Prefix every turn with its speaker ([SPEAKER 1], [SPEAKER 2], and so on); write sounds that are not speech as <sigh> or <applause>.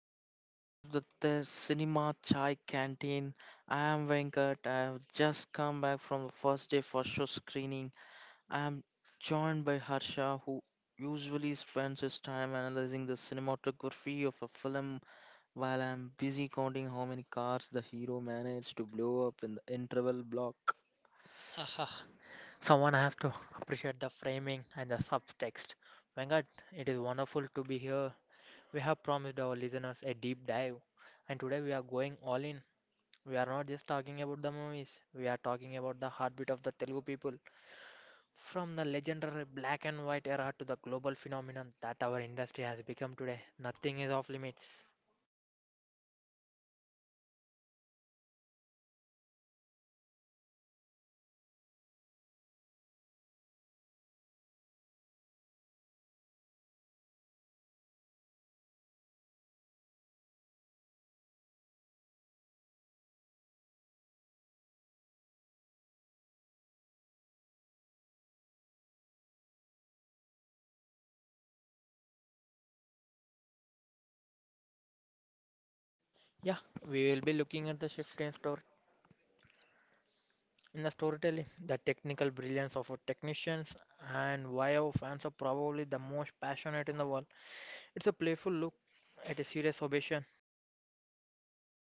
[SPEAKER 1] longest session of the Cinema Chai Canteen. I am Venkat. I have just come back from the first day for show screening. I am joined by Harsha, who usually spends his time analyzing the cinematography of a film, while I am busy counting how many cars the hero managed to blow up in the interval block.
[SPEAKER 2] <sighs> Haha, someone has to appreciate the framing and the subtext. Vanguard, it is wonderful to be here. We have promised our listeners a deep dive, and today we are going all in. We are not just talking about the movies, we are talking about the heartbeat of the Telugu people. From the legendary black and white era to the global phenomenon that our industry has become today, nothing is off limits. Yeah, we will be looking at the shift in storytelling the technical brilliance of our technicians, and why our fans are probably the most passionate in the world. It's a playful look at a serious obsession.